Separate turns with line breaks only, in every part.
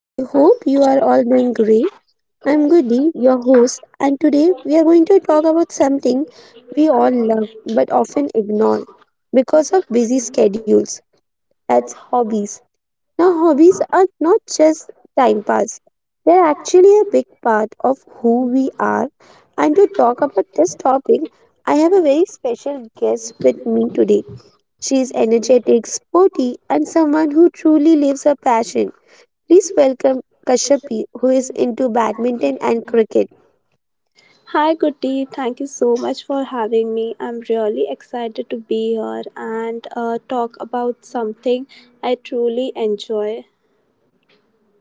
I hope you are all doing great. I'm Goody, your host, and today we are going to talk about something we all love but often ignore because of busy schedules. That's hobbies. Now, hobbies are not just time pass, they're actually a big part of who we are. And to talk about this topic, I have a very special guest with me today. She is energetic, sporty, and someone who truly lives her passion. Please welcome Kashyapi, who is into badminton and cricket.
Hi, Goody. Thank you so much for having me. I'm really excited to be here and talk about something I truly enjoy.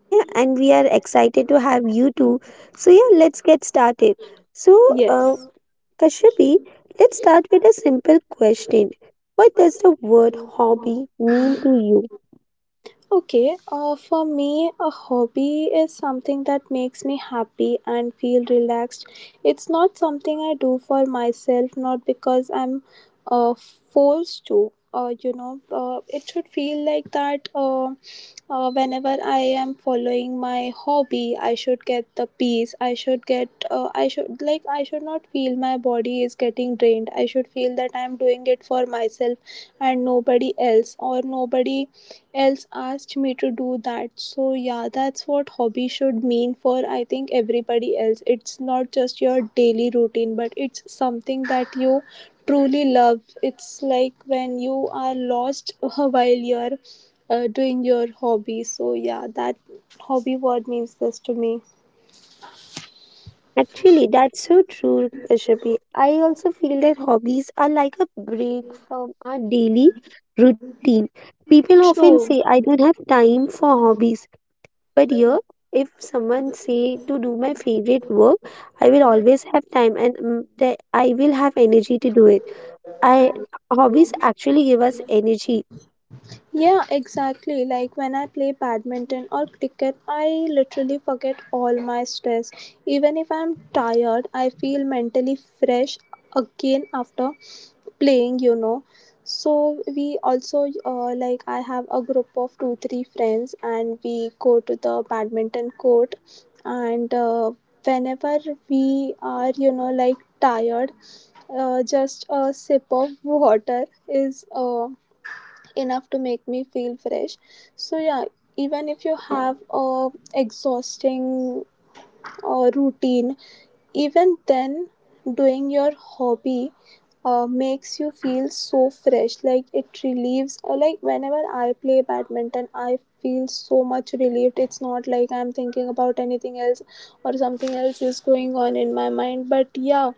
Yeah, and we are excited to have you too. So, yeah, let's get started. So, uh,
Yes.
Kashyapi, let's start with a simple question. What does the word hobby mean to you?
Okay. For me, a hobby is something that makes me happy and feel relaxed. It's not something I do for myself, not because I'm forced to. It should feel like that whenever I am following my hobby, I should get the peace. I should get, I should, like, I should not feel my body is getting drained. I should feel that I'm doing it for myself and nobody else, or nobody else asked me to do that. So, yeah, that's what hobby should mean for, I think, everybody else. It's not just your daily routine, but it's something that you truly love. It's like when you are lost while you're doing your hobby. So yeah, that hobby word means this to me.
Actually, that's so true, Kashapi. I also feel that hobbies are like a break from our daily routine. People often say,
True.
I don't have time for hobbies. But here, if someone say to do my favorite work, I will always have time and that I will have energy to do it. I hobbies actually give us energy.
Yeah, exactly. Like when I play badminton or cricket, I literally forget all my stress. Even if I'm tired, I feel mentally fresh again after playing, you know. So we also, like, I have a group of two three friends and we go to the badminton court, and whenever we are, you know, like, tired, just a sip of water is enough to make me feel fresh. So yeah, even if you have a exhausting routine, even then doing your hobby makes you feel so fresh. Like, it relieves, like, whenever I play badminton, I feel so much relieved. It's not like I'm thinking about anything else or something else is going on in my mind, but yeah.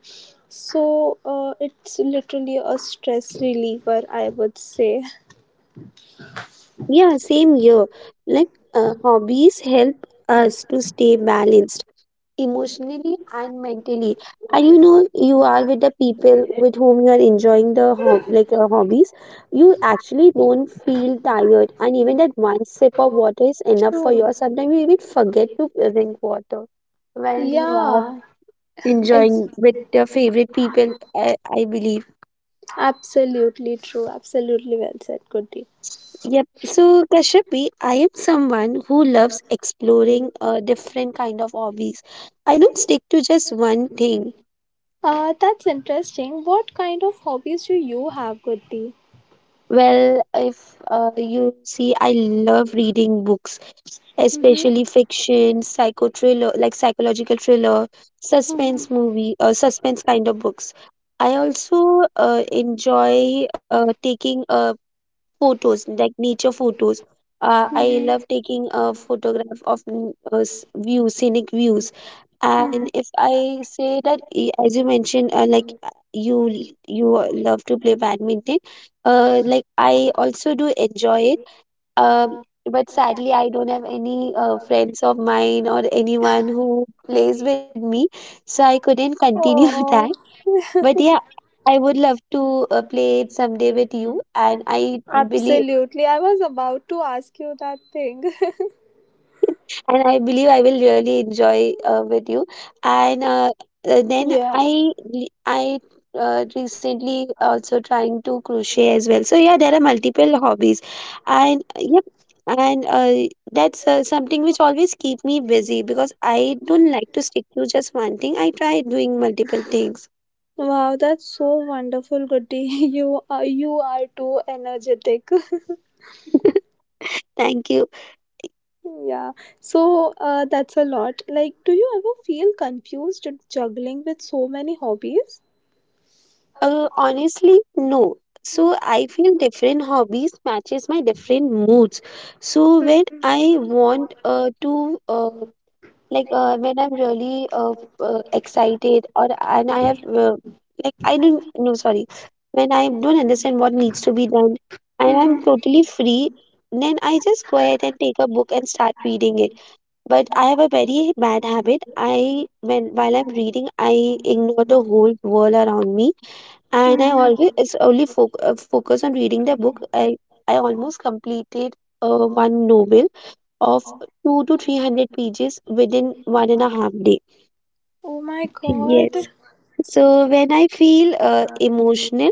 So it's literally a stress reliever, I would say.
Yeah, same here. Like hobbies help us to stay balanced emotionally and mentally, and you know you are with the people with whom you are enjoying the hobbies. You actually don't feel tired, and even that one sip of water is enough for you.
True.
Sometimes you even forget to drink water when you are
Yeah, ex-
enjoying with your favorite people, I believe.
absolutely true. Absolutely well said, Goody.
Yep. So Kashyapi, I am someone who loves exploring different kind of hobbies. I don't stick to just one thing.
That's interesting. What kind of hobbies do you have, Goody?
Well, if you see, I love reading books, especially fiction, psycho thriller, like psychological thriller, suspense movie, or suspense kind of books. I also enjoy taking a photos, like nature photos. I love taking a photograph of views, scenic views. And if I say that as you mentioned, like you l- you love to play badminton, like I also do enjoy it. um, but sadly I don't have any friends of mine or anyone who plays with me, so I couldn't continue that.
Oh,
But yeah, I would love to play it someday with you, and I believe
absolutely. I was about to ask you that thing.
and I believe I will really enjoy with you. And then
Yeah.
I re- I recently also trying to crochet as well. So yeah, there are multiple hobbies, and uh, yep, and that's something which always keep me busy because I don't like to stick to just one thing. I try doing multiple things.
Wow, that's so wonderful, Goody. You are too energetic.
Thank you.
Yeah. So that's a lot. Like, do you ever feel confused juggling with so many hobbies?
Honestly, no. So I feel different hobbies matches my different moods. So when I want to like when I'm really excited or and I have like I don't no sorry when I don't understand what needs to be done and I'm totally free, then I just go ahead and take a book and start reading it. But I have a very bad habit. I when while I'm reading, I ignore the whole world around me, and I
Mhm.
always it's only foc focus on reading the book. I almost completed one novel of two to three hundred pages within one and a half day.
Oh my
Yes.
god.
So when I feel emotional,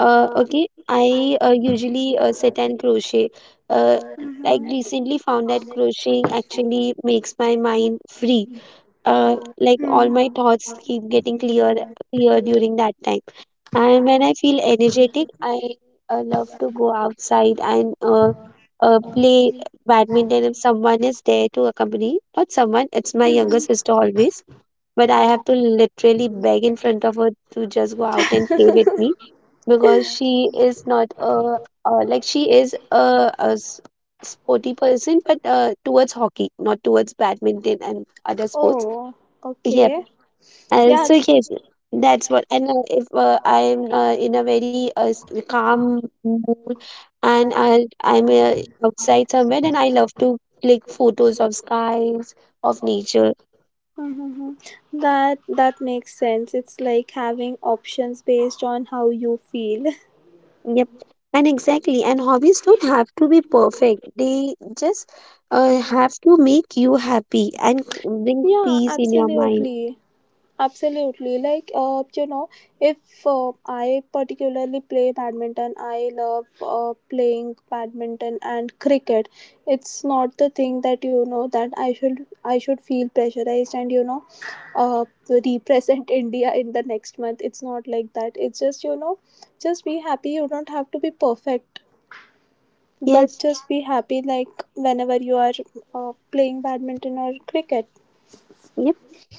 okay, I usually sit and crochet. Uh, like
Mm-hmm.
recently found that crocheting actually makes my mind free. Like all
Hmm.
my thoughts keep getting clear during that time. And when I feel energetic, I love to go outside and play badminton if someone is there to accompany. Not someone, it's my younger sister always, but I have to literally beg in front of her to just go out and play with me, because she is not a, like she is a sporty person, but towards hockey, not towards badminton and other sports.
Oh,
Yeah.
okay.
uh,
Yeah.
so yes, that's what. And if I'm in a very calm mood, and I'm outside somewhere, then I love to click photos of skies, of nature.
Mm-hmm. That makes sense. It's like having options based on how you feel.
Yep. And exactly. And hobbies don't have to be perfect. They just have to make you happy and bring
Yeah,
peace in your mind.
absolutely. Absolutely. Like, you know, if I particularly play badminton, I love playing badminton and cricket. It's not the thing that, you know, that I should feel pressurized and, you know, uh, represent India in the next month. It's not like that. It's just, you know, just be happy. You don't have to be perfect, but
Yes.
just be happy. Like whenever you are playing badminton or cricket.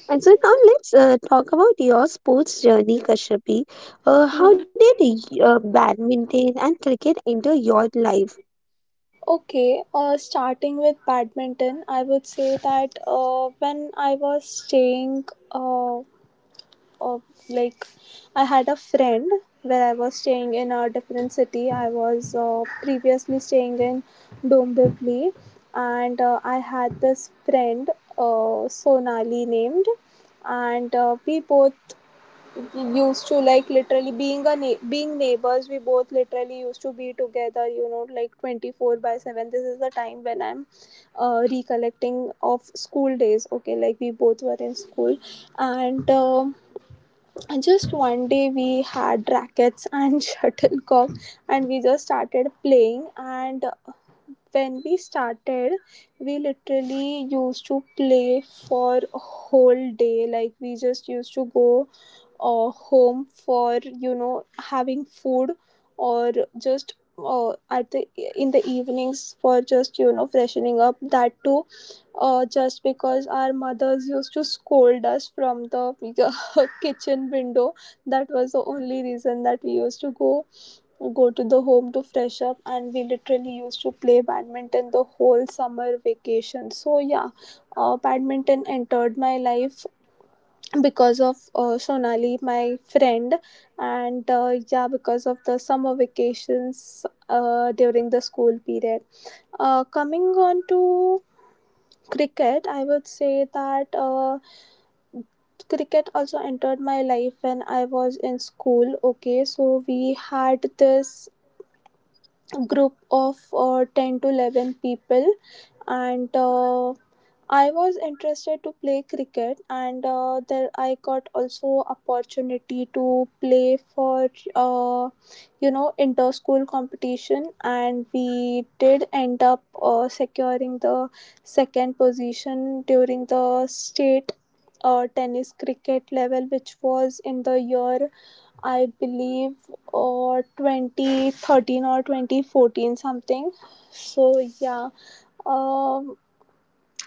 And so now let's talk about your sports journey, Kashyapi. How did badminton and cricket enter your life?
Okay, starting with badminton, I would say that when I was staying, uh, uh, like, I had a friend where I was staying in a different city. I was previously staying in Dombivli, and I had this friend, Sonali named, and we both used to, like, literally, being a being neighbors, we both literally used to be together, you know, like 24 by 7. This is the time when I'm recollecting of school days. Okay, like we both were in school, and just one day we had rackets and shuttlecock, and we just started playing. And when we started, we literally used to play for a whole day. Like, we just used to go home for, you know, having food, or just at the in the evenings for just, you know, freshening up. That too just because our mothers used to scold us from the kitchen window. That was the only reason that we used to go to the home to fresh up. And we literally used to play badminton the whole summer vacation. So yeah, badminton entered my life because of Sonali, my friend, and yeah, because of the summer vacations during the school period. Coming on to cricket, I would say that cricket also entered my life when I was in school. Okay, so we had this group of 10 to 11 people, and I was interested to play cricket, and there I got also opportunity to play for uh, you know, inter school competition, and we did end up securing the second position during the state tennis cricket level, which was in the year, I believe, 2013 or 2014 something. So yeah, um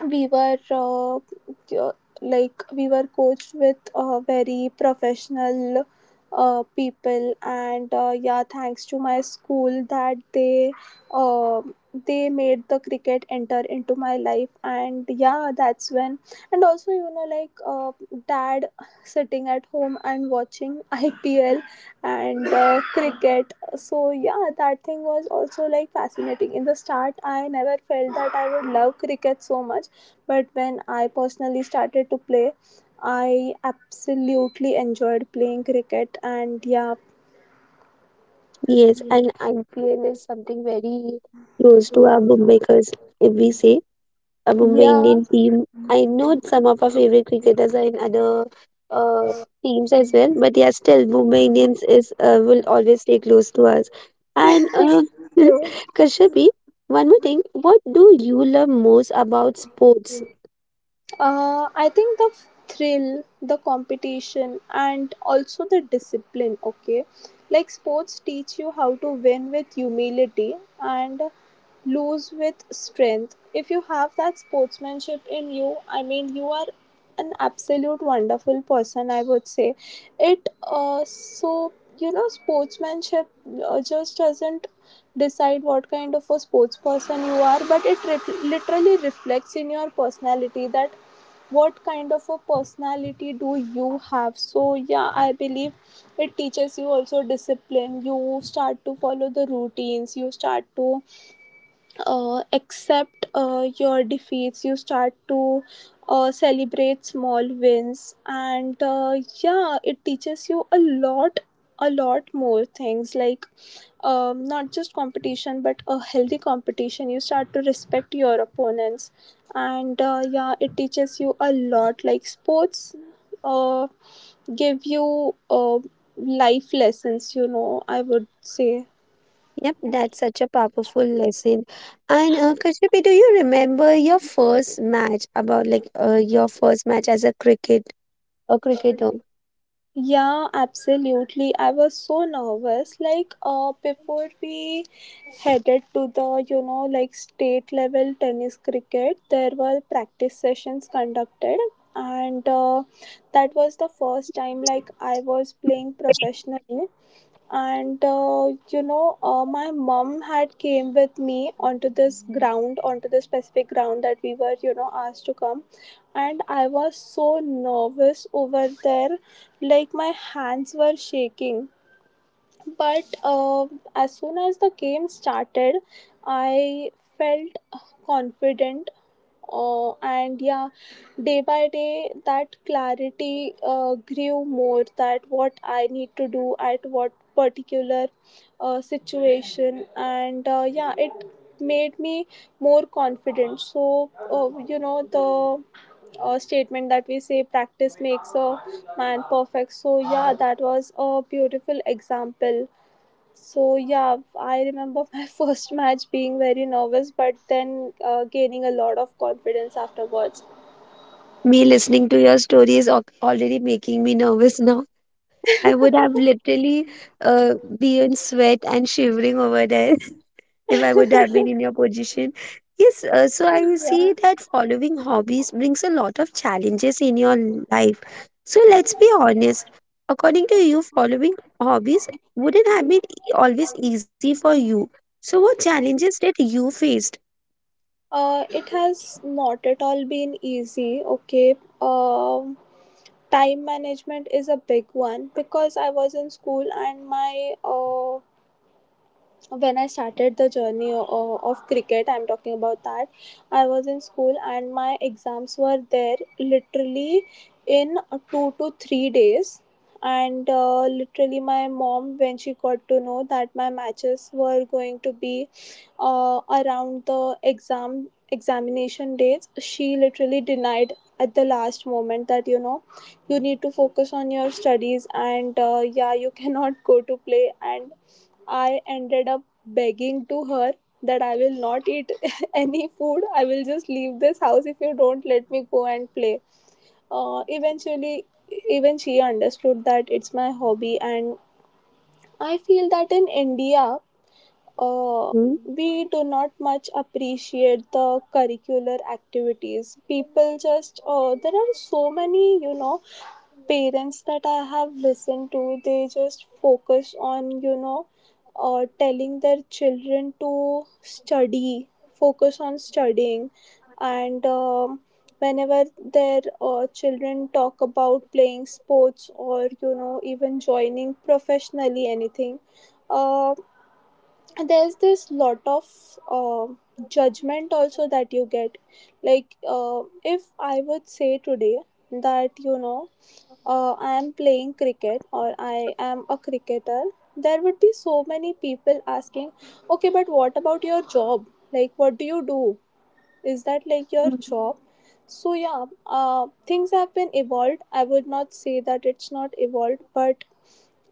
we were, like, we were coached with very professional people. And yeah, thanks to my school that uh, they made the cricket enter into my life. And yeah, that's when. And also, you know, like, dad sitting at home and watching ipl and cricket. So yeah, that thing was also like fascinating. In the start, I never felt that I would love cricket so much, but when I personally started to play, I absolutely enjoyed playing cricket. And yeah,
Yes, and IPL is something very close to our Mumbai, because if we say a Mumbai
yeah,
Indian team, I know some of our favorite cricketers are in other uh, teams as well, but yeah, still Mumbai Indians is will always stay close to us. And
true.
Kashyapi, one more thing, what do you love most about sports?
I think the thrill, the competition, and also the discipline. Okay, like sports teach you how to win with humility and lose with strength. If you have that sportsmanship in you, I mean, you are an absolute wonderful person, I would say it. So, you know, sportsmanship just doesn't decide what kind of a sports person you are, but it literally reflects in your personality that what kind of a personality do you have. So yeah, I believe it teaches you also discipline. You start to follow the routines. You start to accept your defeats. You start to celebrate small wins. And yeah, it teaches you a lot, a lot more things like, not just competition but a healthy competition. You start to respect your opponents, and yeah, it teaches you a lot. Like sports uh, give you life lessons, you know, I would say.
Yep, that's such a powerful lesson. And Kashyapi, do you remember your first match, about your first match as a cricketer?
Yeah, absolutely. I was so nervous. Like, before we headed to the, you know, like, state level tennis cricket, there were practice sessions conducted. And that was the first time, like, I was playing professionally. And my mom had came with me onto this ground, onto this specific ground that we were, you know, asked to come. And I was so nervous over there. Like, my hands were shaking, but as soon as the game started, I felt confident. And yeah, day by day that clarity grew more, that what I need to do at what particular situation. And yeah, it made me more confident. So you know, the statement that we say, practice makes a man perfect. So yeah, that was a beautiful example. So yeah, I remember my first match being very nervous, but then gaining a lot of confidence afterwards.
Me listening to your story is already making me nervous now. I would have literally be in sweat and shivering over there, if I would have been in your position. Yes, so I
Yeah.
see that following hobbies brings a lot of challenges in your life. So let's be honest. According to you, following hobbies wouldn't have been always easy for you. So what challenges did you faced?
It has not at all been easy. Okay. Um, Time management is a big one, because I was in school, and my when I started the journey of cricket, I'm talking about that. I was in school and my exams were there literally in 2 to 3 days. And literally, my mom, when she got to know that my matches were going to be around the examination dates, she literally denied at the last moment that, you know, you need to focus on your studies. And yeah, you cannot go to play. And I ended up begging to her that I will not eat any food. I will just leave this house if you don't let me go and play. Eventually, even she understood that it's my hobby. And I feel that in India, uh,
Hmm?
we do not much appreciate the curricular activities. People just, there are so many, you know, parents that I have listened to, they just focus on, you know, telling their children to study, focus on studying. And whenever their children talk about playing sports or, you know, even joining professionally anything, uh, there's this lot of uh, judgment also that you get. Like, if I would say today that, you know, I am playing cricket or I am a cricketer, there would be so many people asking, okay, but what about your job? Like, what do you do? Is that like your
Mm,
job? So, yeah, things have been evolved. I would not say that it's not evolved, but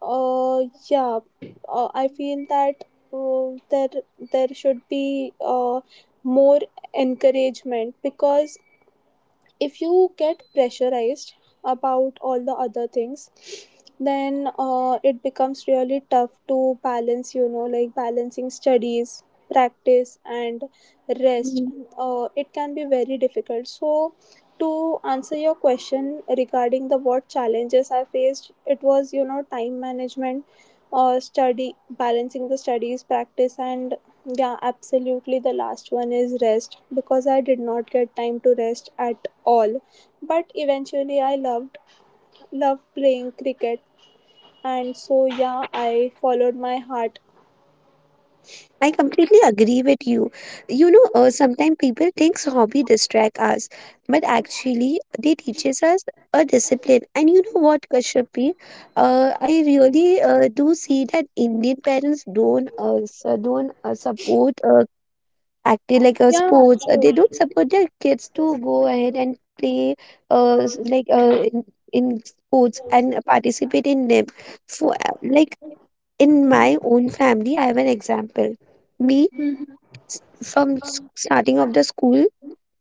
uh, yeah, I feel that uh, there, there should be more encouragement because if you get pressurized about all the other things then it becomes really tough to balance, balancing studies, practice, and rest
mm.
uh, It can be very difficult. So to answer your question regarding the what challenges I faced, it was time management, study, balancing the studies, practice, and yeah, absolutely. The last one is rest, because I did not get time to rest at all. But eventually I loved playing cricket, and so yeah, I followed my heart.
I completely agree with you. You know, sometimes people thinks hobby distract us, but actually they teaches us a discipline. And you know what, Kashyapi? I really do see that Indian parents don't support active like
Yeah,
sports.
true.
They don't support their kids to go ahead and play uh, s- like uh, in, in sports and participate in them. So, like in my own family, I have an example. Me s- from s- Starting of the school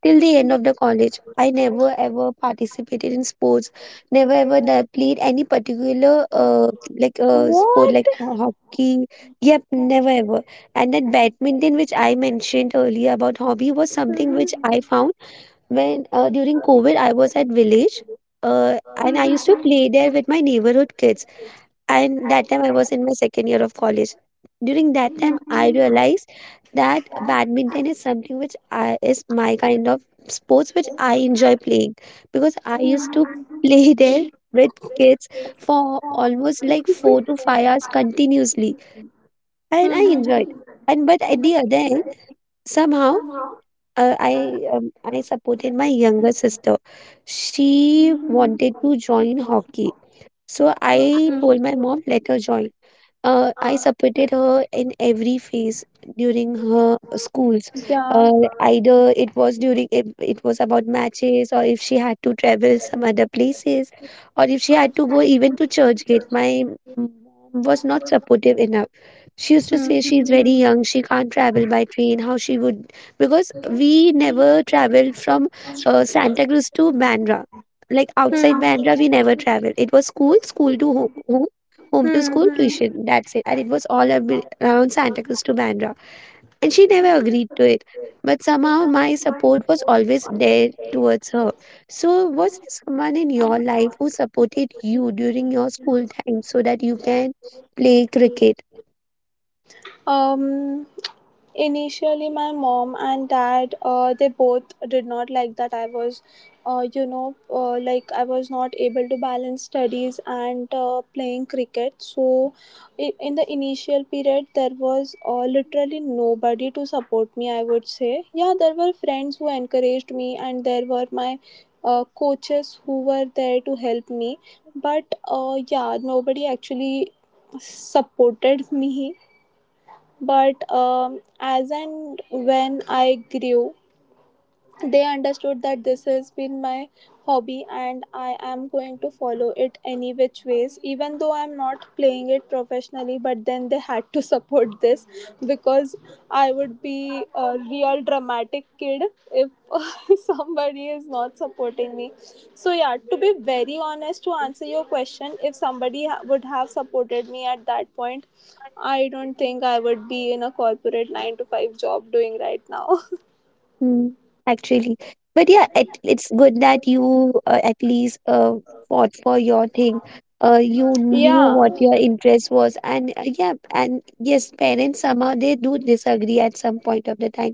till the end of the college, I never ever participated in sports, never ever played any particular sport
What?
like hockey. Yep, never ever. And that badminton, which I mentioned earlier about hobby, was something which
Mhm.
I found when during COVID I was at village. And I used to play there with my neighborhood kids, and that time I was in my second year of college. During that time, I realized that badminton is something which is my kind of sports which I enjoy playing, because I used to play there with kids for almost like 4 to 5 hours continuously, and I enjoyed.
Mhm.
And but at the other end, somehow I supported my younger sister. She wanted to join hockey, so I told
Mhm.
my mom let her join. I supported her in every phase during her schools.
Yeah.
Uh, either it was about matches, or if she had to travel some other places, or if she had to go even to Churchgate. My mom was not supportive enough. She used to say she's very young, she can't travel by train. How she would, because we never traveled from Santa Cruz to Bandra. Like outside Bandra, we never traveled. It was school, school to home, home to school tuition. That's it. And it was all around Santa Cruz to Bandra. And she never agreed to it. But somehow my support was always there towards her. So, was there someone in your life who supported you during your school time so that you can play cricket?
Um Initially my mom and dad, they both did not like that I was you know like I was not able to balance studies and playing cricket. So in the initial period, there was literally nobody to support me, I would say. Yeah, there were friends who encouraged me, and there were my coaches who were there to help me, but yeah, nobody actually supported me. But as and when I grew, they understood that this has been my hobby and I am going to follow it any which ways, even though I'm not playing it professionally. But then they had to support this, because I would be a real dramatic kid if somebody is not supporting me. So yeah, to be very honest, to answer your question, if somebody would have supported me at that point, I don't think I would be in a corporate 9 to 5 job doing right now.
Mm, actually, but yeah, it's good that you at least fought for your thing. You knew
Yeah.
what your interest was, and yes, parents somehow they do disagree at some point of the time,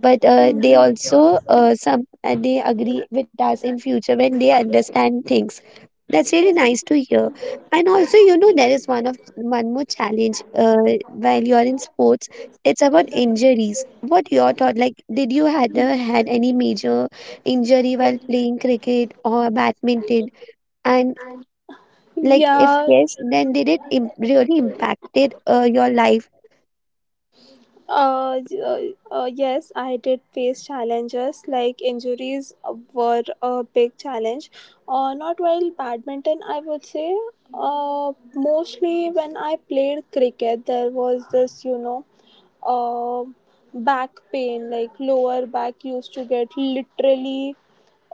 but they also some they agree with us in future when they understand things. That's really nice to hear. And also, you know, there is one more challenge while you're in sports. It's about injuries. What your thought? Like, did you had any major injury while playing cricket or badminton? And like, if
Yeah,
yes, then did it im really impacted your life?
uh, y- uh, yes, I did face challenges, like injuries were a big challenge. Not while badminton, I would say. Mostly when I played cricket, there was this, uh, back pain, like lower back used to get literally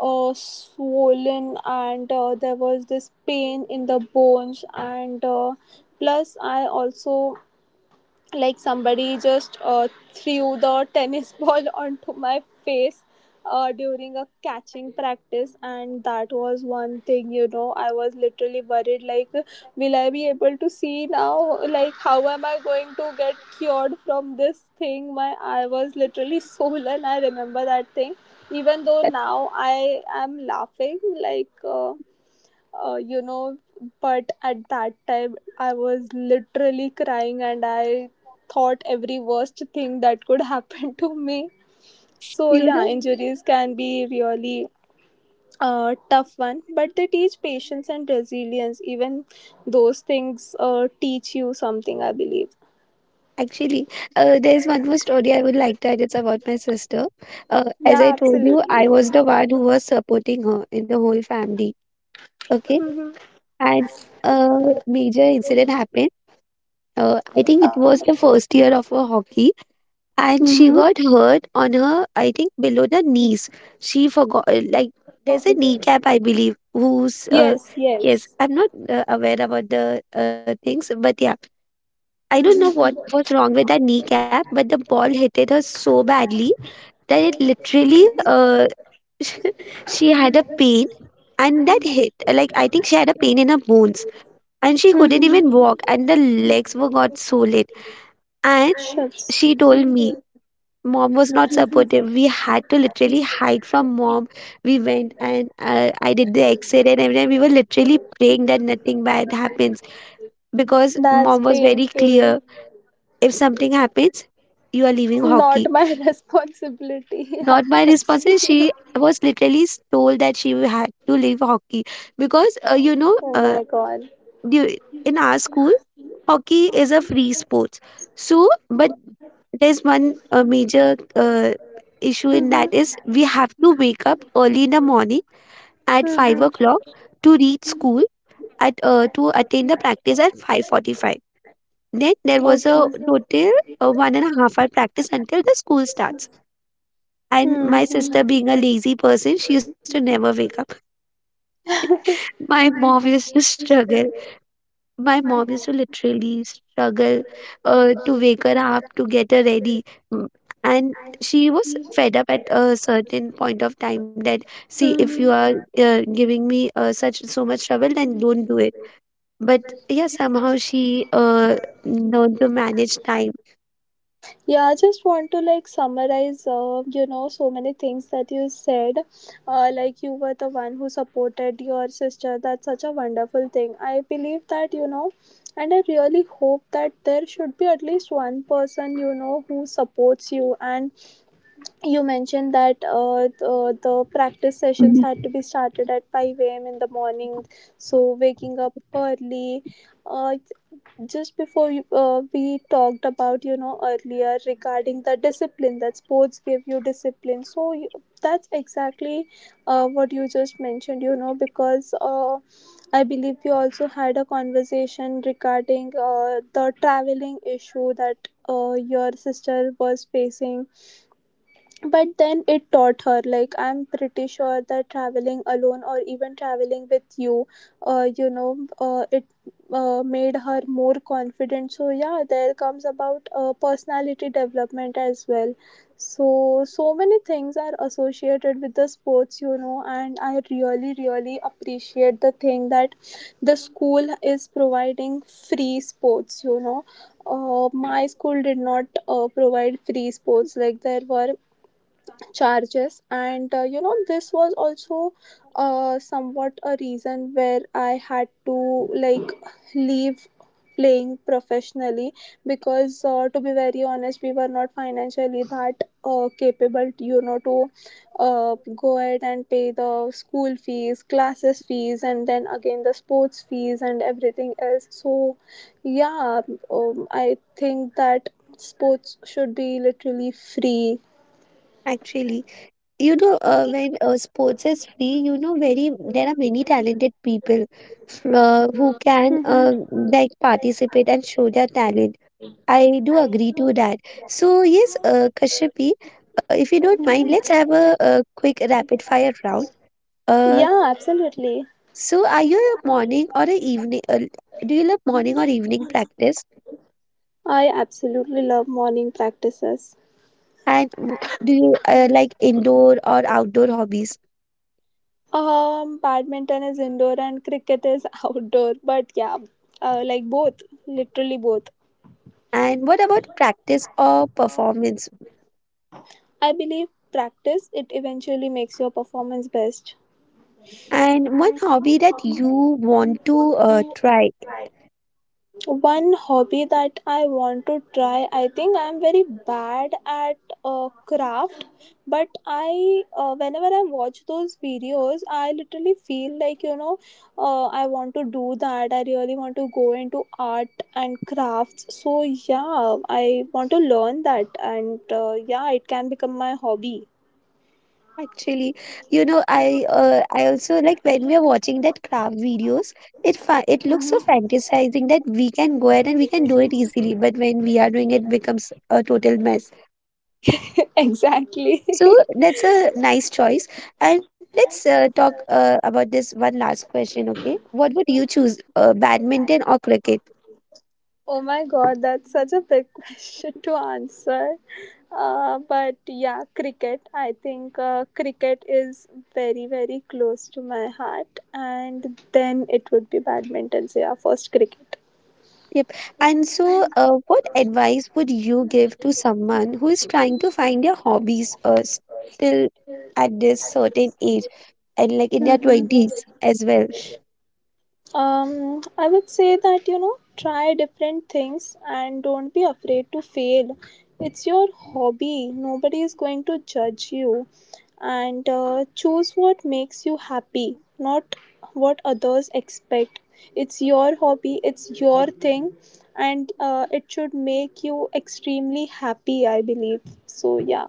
swollen, and there was this pain in the bones, and plus I also, like, somebody just threw the tennis ball onto my face during a catching practice. And that was one thing, you know, I was literally worried, like, will I be able to see now, like how am I going to get cured from this thing. My I was literally swollen, I remember that thing, even though now I am laughing, like uh, you know but at that time I was literally crying, and I thought every worst thing that could happen to me. So
You
yeah,
know?
injuries can be really tough one, but they teach patience and resilience. Even those things teach you something, I believe.
Actually, there's one more story I would like to add. It's about my sister. As I
Yeah,
told you, I
absolutely.
was the one who was supporting her in the whole family. Okay.
Mm-hmm.
And a major incident happened. I think it was the first year of her hockey, and she
Mm-hmm.
got hurt on her, I think, below the knees. She forgot, like, there's a kneecap, I believe, who's,
Yes,
yes,
yes.
I'm not aware about the things, but yeah I don't know what
Mm-hmm.
was wrong with that kneecap, but the ball hit it her so badly that it literally, she had a pain. And that hit, like, I think she had a pain in her bones. And she couldn't
Mm-hmm.
even walk, and the legs were got solid. And
Shucks.
she told me, Mom was not supportive. We had to literally hide from mom. We went and I did the exit and everything. We were literally praying that nothing bad happens because mom
That's
was very clear.
painful.
If something happens, you are leaving hockey.
Not my responsibility. Yeah,
Not my responsibility.
absolutely.
She was literally told that she had to leave hockey because,
Oh my god.
du- in our school, hockey is a free sport. So, but there's one major issue in that
Mm-hmm.
is we have to wake up early in the morning at 5
Mm-hmm.
o'clock to reach school at to attend the practice at 5:45. Then there was
Okay.
a total
Mm-hmm.
1.5 hour practice until the school starts. And my sister, being a lazy person, she used to never wake up. My mom used to struggle. My mom used to literally struggle to wake her up, to get her ready. Mm, And she was fed up at a certain point of time that, see, if you
Mm-hmm.
are giving me such so much trouble, then don't do it. But yeah, somehow she learned to manage time.
Yeah, I just want to, like, summarize, you know, so many things that you said. Like, you were the one who supported your sister. That's such a wonderful thing. I believe that, you know, and I really hope that there should be at least one person, you know, who supports you. And you mentioned that the practice sessions
Mhm.
had to be started at 5 a.m. in the morning, so waking up early. Uh, just before we talked about, you know, earlier regarding the discipline, that sports give you discipline. So you, that's exactly what you just mentioned, you know. Because I believe we also had a conversation regarding the traveling issue that your sister was facing. But then it taught her, like, I'm pretty sure that traveling alone, or even traveling with you, you know it made her more confident. So yeah, there comes about personality development as well. So so many things are associated with the sports, you know, and I really really appreciate the thing that the school is providing free sports, you know. Uh, my school did not provide free sports. Like, there were charges, and this was also somewhat a reason where I had to, like, leave playing professionally. Because to be very honest, we were not financially that capable to, to go ahead and pay the school fees, classes fees, and then again the sports fees and everything else. So yeah, I think that sports should be literally free.
Actually, you know, when sports is free, you know, very there are many talented people who can like participate and show their talent. I do agree to that. So yes, Kashyapi, if you don't mind, let's have a quick rapid fire round. uh,
Yeah, absolutely.
so, are you a morning or a evening do you love morning or evening practice?
I absolutely love morning practices.
and w- do you like indoor or outdoor hobbies?
Badminton is indoor and cricket is outdoor, but yeah, like both, literally both.
And what about practice or performance?
I believe practice, it eventually makes your performance best.
And one hobby that you want to try.
One hobby that I want to try, I think I'm very bad at craft. But I whenever I watch those videos, I literally feel like, you know, I want to do that. I really want to go into art and crafts. So yeah, I want to learn that, and yeah, it can become my hobby.
Actually, you know, I also like when we are watching that craft videos, it looks so fantasizing that we can go ahead and we can do it easily, but when we are doing it becomes a total mess.
Exactly.
So that's a nice choice. And let's talk about this one last question, okay? What would you choose, badminton or cricket?
Oh my god, that's such a big question to answer. But yeah, cricket. I think cricket is very, very close to my heart. And then it would be badminton. So yeah, first cricket.
Yep. And so, what advice would you give to someone who is trying to find their hobbies still at this certain age and like in their 20s as well?
I would say that, you know, try different things and don't be afraid to fail. It's your hobby, nobody is going to judge you, and choose what makes you happy, not what others expect. It's your hobby, it's your thing, and it should make you extremely happy, I believe. So, yeah.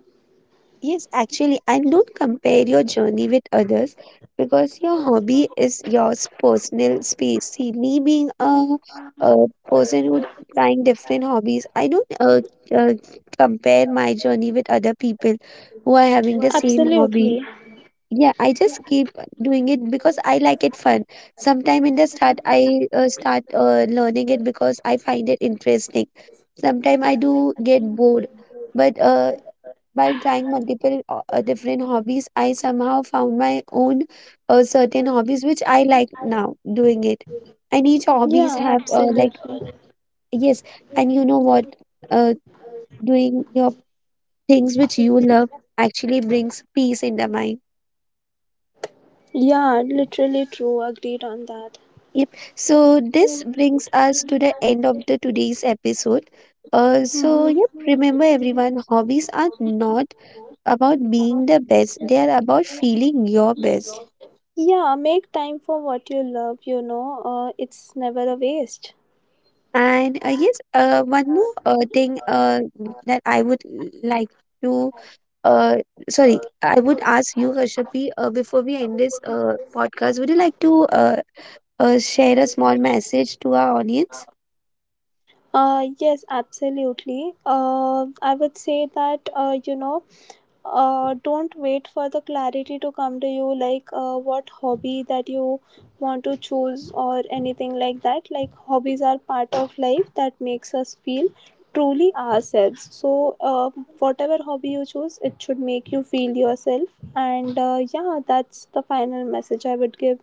Yes, actually, and don't compare your journey with others, because your hobby is your personal space. See, me being a person who trying different hobbies, I don't uh, compare my journey with other people who are having the same hobby.
Absolutely.
Yeah, I just keep doing it because I like it fun. Sometime in the start, I start learning it because I find it interesting. Sometime I do get bored, but while trying different hobbies, I somehow found my own certain hobbies which I like now doing it. And each hobbies
Yeah,
have like
absolutely.
yes, and you know what, uh, doing your things which you love actually brings peace in the mind.
Yeah, literally true. Agreed on that.
Yep. So this brings us to the end of the today's episode. So yep, remember everyone, hobbies are not about being the best; they are about feeling your best.
Yeah, make time for what you love, you know, it's never a waste.
And yes, one more thing that I would like to uh, sorry, I would ask you, Kashyapi, before we end this podcast, would you like to share a small message to our audience?
Yes, absolutely. I would say that, you know, don't wait for the clarity to come to you, like what hobby that you want to choose or anything like that. Like, hobbies are part of life that makes us feel truly ourselves. So, whatever hobby you choose, it should make you feel yourself. And yeah, that's the final message I would give.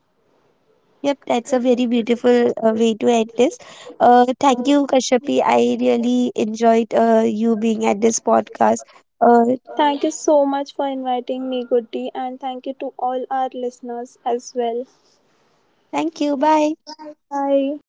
Yep, that's a very beautiful way to end this. Thank you, Kashyapi. I really enjoyed you being at this podcast. Uh,
Thank you so much for inviting me, Goody, and thank you to all our listeners as well.
Thank you. Bye.
Bye.